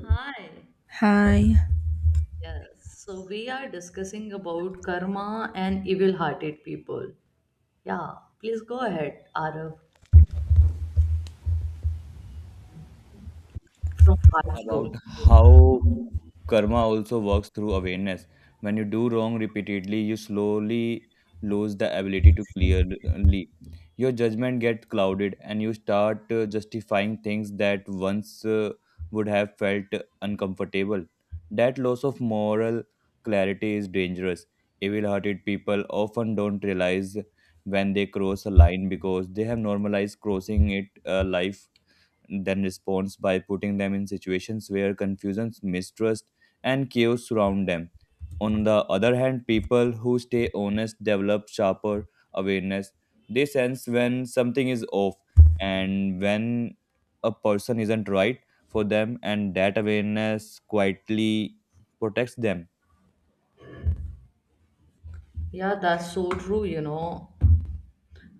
Hi. Hi. Yes, so we are discussing about karma and evil-hearted people. Yeah. Please go ahead, Arav, from part four. About how karma also works through awareness. When you do wrong repeatedly, you slowly lose the ability to clearly. Your judgment gets clouded, and you start justifying things that once would have felt uncomfortable. That loss of moral clarity is dangerous. Evil hearted people often don't realize when they cross a line because they have normalized crossing it a life then responds by putting them in situations where confusion, mistrust, and chaos surround them. On the other hand, people who stay honest develop sharper awareness. They sense when something is off and when a person isn't right for them, and that awareness quietly protects them. Yeah, that's so true,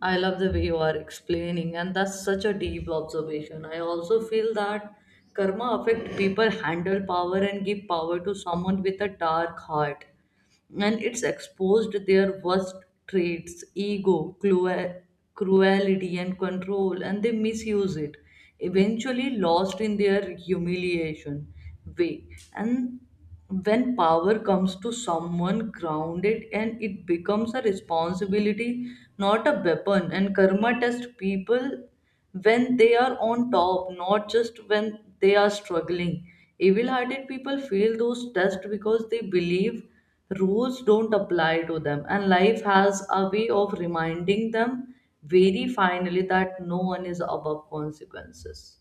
I love the way you are explaining, and that's such a deep observation. I also feel that karma affect people handle power and give power to someone with a dark heart, and it's exposed their worst traits, ego cruelty and control, and they misuse it, eventually lost in their humiliation way. And when power comes to someone grounded, and it becomes a responsibility, not a weapon. And karma tests people when they are on top, not just when they are struggling. Evil hearted people fail those tests because they believe rules don't apply to them, and life has a way of reminding them very finally that no one is above consequences.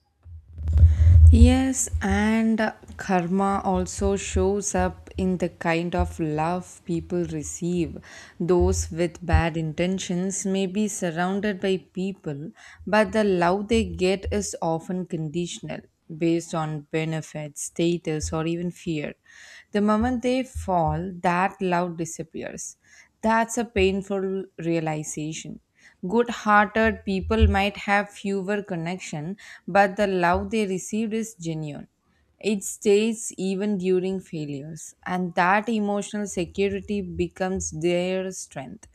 Yes, and karma also shows up in the kind of love people receive. Those with bad intentions may be surrounded by people, but the love they get is often conditional, based on benefits, status, or even fear. The moment they fall, that love disappears. That's a painful realization. Good hearted people might have fewer connection, but the love they received is genuine. It stays even during failures, and that emotional security becomes their strength.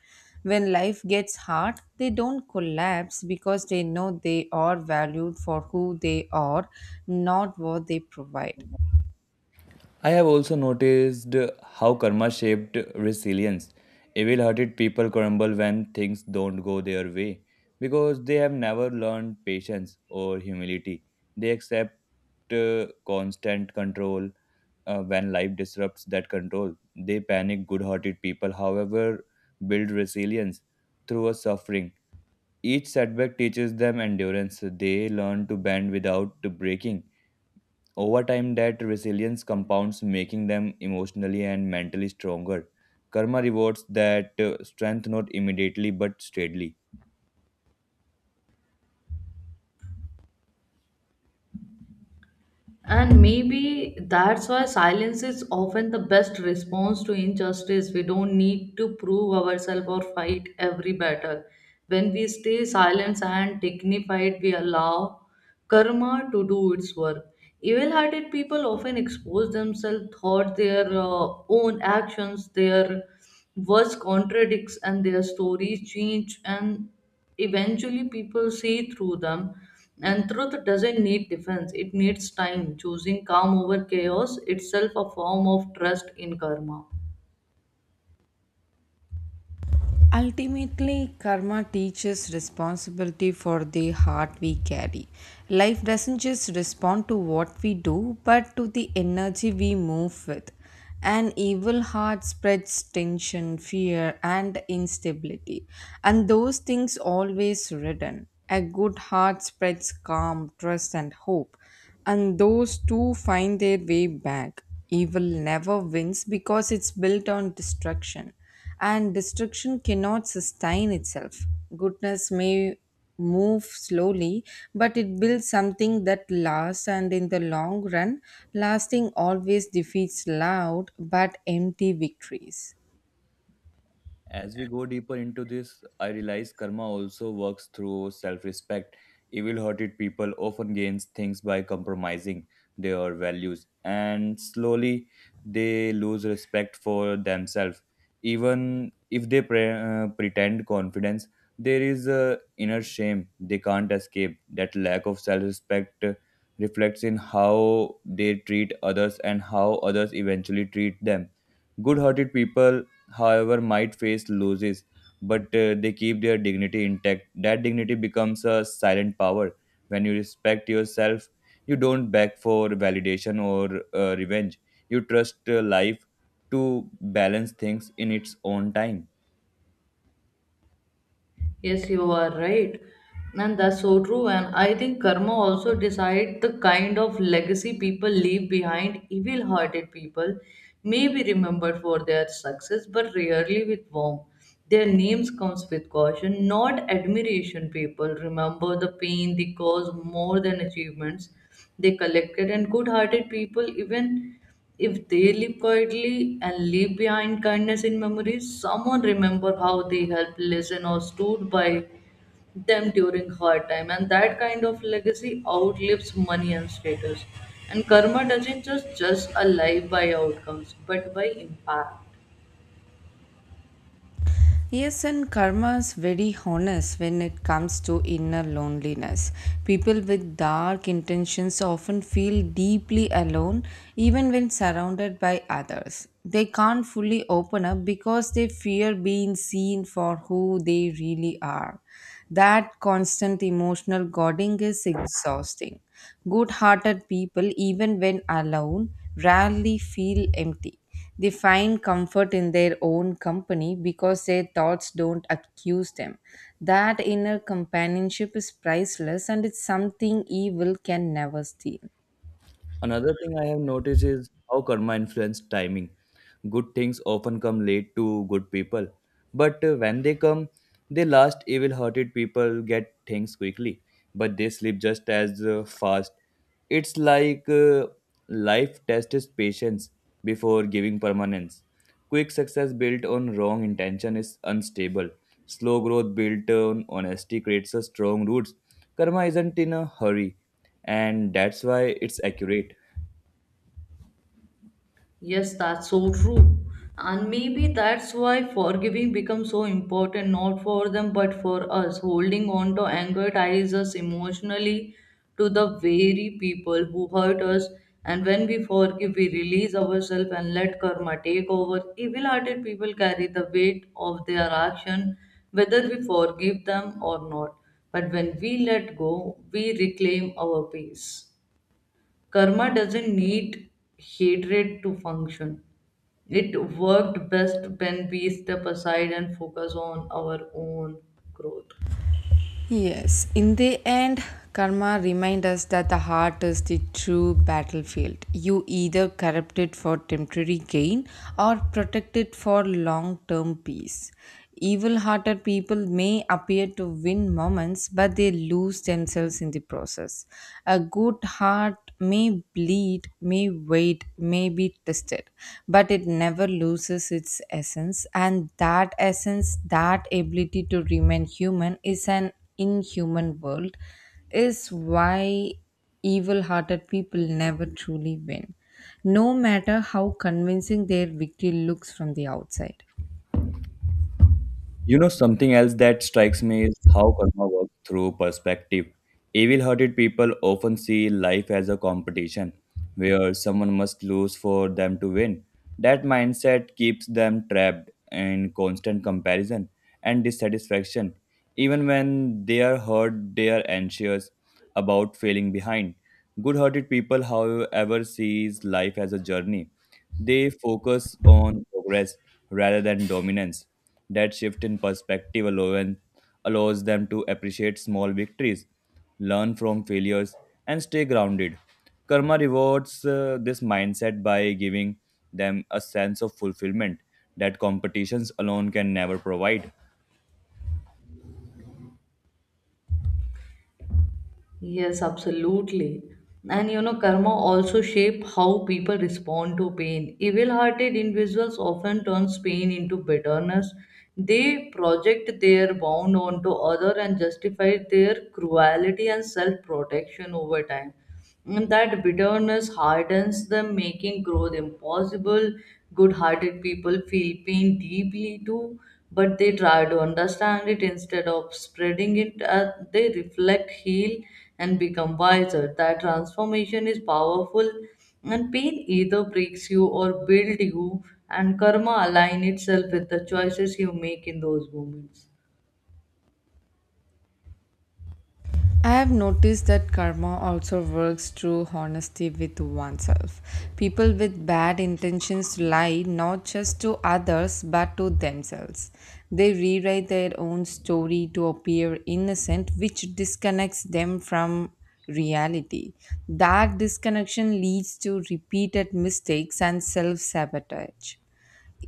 When life gets hard, they don't collapse because they know they are valued for who they are, not what they provide. I have also noticed how karma shaped resilience. Evil hearted people crumble when things don't go their way because they have never learned patience or humility. They accept constant control when life disrupts that control. They panic. Good hearted people, however, build resilience through a suffering. Each setback teaches them endurance. They learn to bend without breaking over time, that resilience compounds, making them emotionally and mentally stronger. Karma rewards that strength not immediately but steadily. And maybe that's why silence is often the best response to injustice. We don't need to prove ourselves or fight every battle. When we stay silent and dignified, we allow karma to do its work. Evil hearted people often expose themselves thought their own actions, their words contradicts, and their stories change. And eventually people see through them, and truth doesn't need defense, it needs time, choosing calm over chaos itself, a form of trust in karma. Ultimately, karma teaches responsibility for the heart we carry. Life doesn't just respond to what we do, but to the energy we move with. An evil heart spreads tension, fear, and instability, and those things always return. A good heart spreads calm, trust, and hope, and those two find their way back. Evil never wins because it's built on destruction and destruction cannot sustain itself. Goodness may move slowly, but it builds something that lasts, and in the long run, lasting always defeats loud but empty victories. As we go deeper into this, I realize karma also works through self respect. Evil hearted people often gain things by compromising their values, and slowly they lose respect for themselves. Even if they pretend confidence, there is a inner shame they can't escape. That lack of self respect reflects in how they treat others and how others eventually treat them good hearted people however, might face losses, but they keep their dignity intact. That dignity becomes a silent power. When you respect yourself, you don't beg for validation or revenge. You trust life to balance things in its own time. Yes, you are right. And that's so true. And I think karma also decide the kind of legacy people leave behind. Evil-hearted people may be remembered for their success, but rarely with warmth. Their names comes with caution, not admiration. People remember the pain they caused more than achievements they collected. And good-hearted people, even if they live quietly and leave behind kindness in memories, someone remember how they helped, listened, or stood by them during hard time. And that kind of legacy outlives money and status. And karma doesn't just judge a life by outcomes, but by impact. Yes, and karma is very honest when it comes to inner loneliness. People with dark intentions often feel deeply alone even when surrounded by others. They can't fully open up because they fear being seen for who they really are. That constant emotional guarding is exhausting. Good hearted people, even when alone, rarely feel empty. They find comfort in their own company because their thoughts don't accuse them. That inner companionship is priceless, and it's something evil can never steal. Another thing I have noticed is how karma influences timing. Good things often come late to good people, but when they come, they last. Evil hearted people get things quickly, but they sleep just as fast. It's like life tests patience before giving permanence. Quick success built on wrong intention is unstable. Slow growth built on honesty creates a strong roots. Karma isn't in a hurry, and that's why it's accurate. Yes, that's so true. And maybe that's why forgiving becomes so important, not for them, but for us. Holding on to anger ties us emotionally to the very people who hurt us. And when we forgive, we release ourselves and let karma take over. Evil hearted people carry the weight of their action, whether we forgive them or not. But when we let go, we reclaim our peace. Karma doesn't need hatred to function. It worked best when we step aside and focus on our own growth. Yes, in the end, karma reminds us that the heart is the true battlefield. You either corrupt it for temporary gain or protect it for long term peace. Evil hearted people may appear to win moments, but they lose themselves in the process. A good heart may bleed, may wait, may be tested, but it never loses its essence. And that essence, that ability to remain human, is an in human world is why evil-hearted people never truly win no matter how convincing their victory looks from the outside. You know, something else that strikes me is how karma works through perspective. Evil hearted people often see life as a competition where someone must lose for them to win. That mindset keeps them trapped in constant comparison and dissatisfaction. Even when they are hurt, they are anxious about failing behind. Good hearted people, however, sees life as a journey. They focus on progress rather than dominance that shift in perspective allows them to appreciate small victories, learn from failures, and stay grounded. Karma rewards this mindset by giving them a sense of fulfillment that competitions alone can never provide. Yes, absolutely. And you know, karma also shape how people respond to pain. Evil-hearted individuals often turns pain into bitterness. They project their wound onto other and justify their cruelty and self-protection over time. And that bitterness hardens them, making growth impossible. Good hearted people feel pain deeply too, but they try to understand it instead of spreading it. As they reflect, heal, and become wiser. That transformation is powerful, and pain either breaks you or builds you, and karma align itself with the choices you make in those moments. I have noticed that karma also works through honesty with oneself. People with bad intentions lie not just to others but to themselves. They rewrite their own story to appear innocent, which disconnects them from reality. That disconnection leads to repeated mistakes and self sabotage.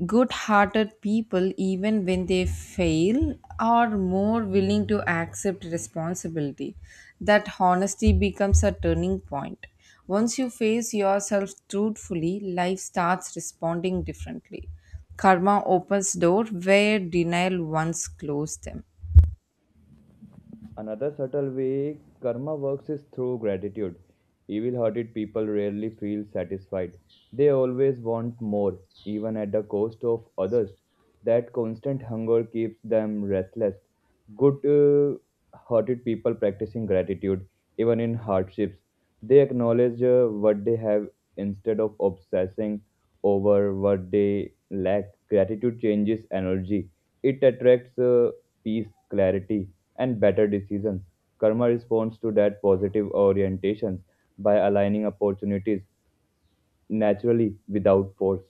Good hearted people, even when they fail, are more willing to accept responsibility. That honesty becomes a turning point. Once you face yourself truthfully, life starts responding differently. Karma opens doors where denial once closed them. Another subtle way karma works is through gratitude. Evil hearted people rarely feel satisfied. They always want more, even at the cost of others. That constant hunger keeps them restless. Good hearted people practicing gratitude, even in hardships, they acknowledge what they have instead of obsessing over what they lack. Gratitude changes energy, it attracts peace, clarity and better decisions. Karma responds to that positive orientation by aligning opportunities naturally without force.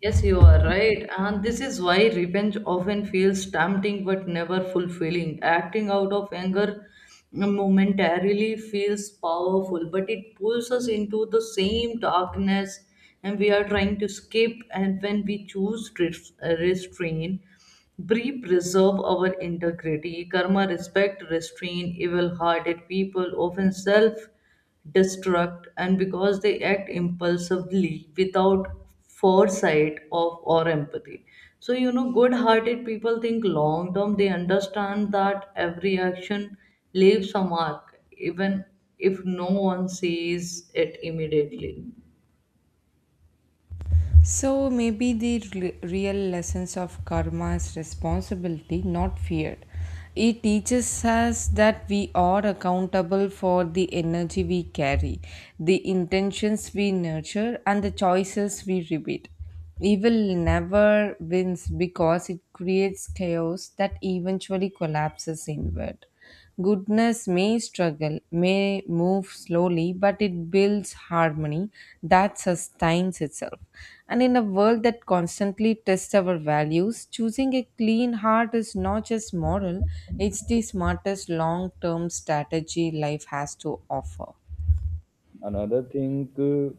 Yes, you are right. And this is why revenge often feels tempting but never fulfilling. Acting out of anger momentarily feels powerful, but it pulls us into the same darkness and we are trying to escape. And when we choose restraint, we preserve our integrity. Karma, respect, restrain, evil hearted people often self destruct, and because they act impulsively without foresight of or empathy. So you know, good-hearted people think long term. They understand that every action leaves a mark, even if no one sees it immediately. So maybe the real lessons of karma is responsibility, not fear. It teaches us that we are accountable for the energy we carry, the intentions we nurture, and the choices we repeat. Evil never wins because it creates chaos that eventually collapses inward. Goodness may struggle, may move slowly, but it builds harmony that sustains itself. And in a world that constantly tests our values, choosing a clean heart is not just moral, it's the smartest long term strategy life has to offer. Another thing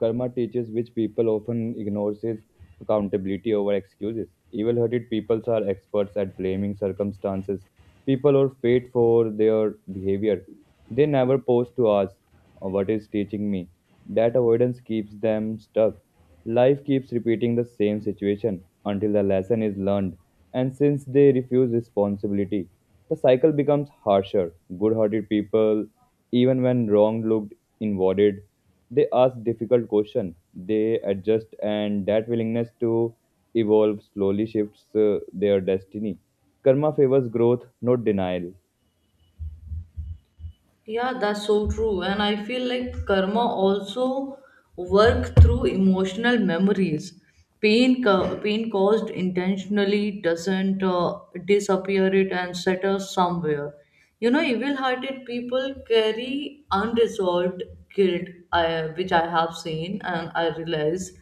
karma teaches, which people often ignores, is accountability over excuses. Evil hearted peoples are experts at blaming circumstances, people, or fate for their behavior. They never pause to ask, "Oh, what is teaching me?" That avoidance keeps them stuck. Life keeps repeating the same situation until the lesson is learned, and since they refuse responsibility, the cycle becomes harsher. Good hearted people, even when wrong looked invalid, they ask difficult questions, they adjust, and that willingness to evolve slowly shifts their destiny. Karma favors growth, not denial. Yeah, that's so true. And I feel like karma also work through emotional memories. Pain, pain caused intentionally doesn't disappear it and settle somewhere. You know, evil-hearted people carry unresolved which I have seen and I realize.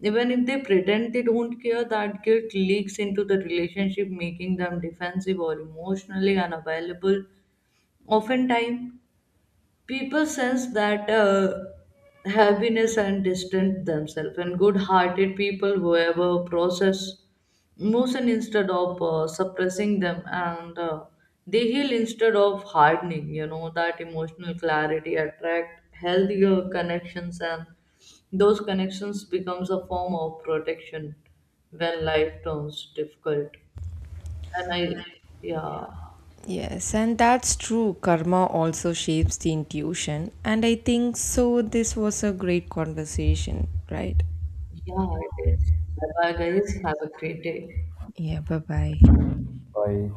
Even if they pretend they don't care, that guilt leaks into the relationship, making them defensive or emotionally unavailable. Oftentimes, people sense that happiness and distance themselves. And good-hearted people whoever process emotion instead of suppressing them, and they heal instead of hardening. You know, that emotional clarity attract healthier connections, and those connections becomes a form of protection when life turns difficult. And I yeah Yes, and that's true. Karma also shapes the intuition. And I think so. This was a great conversation, right? Yeah, it is. Bye bye, guys, have a great day. Yeah, bye bye. Bye.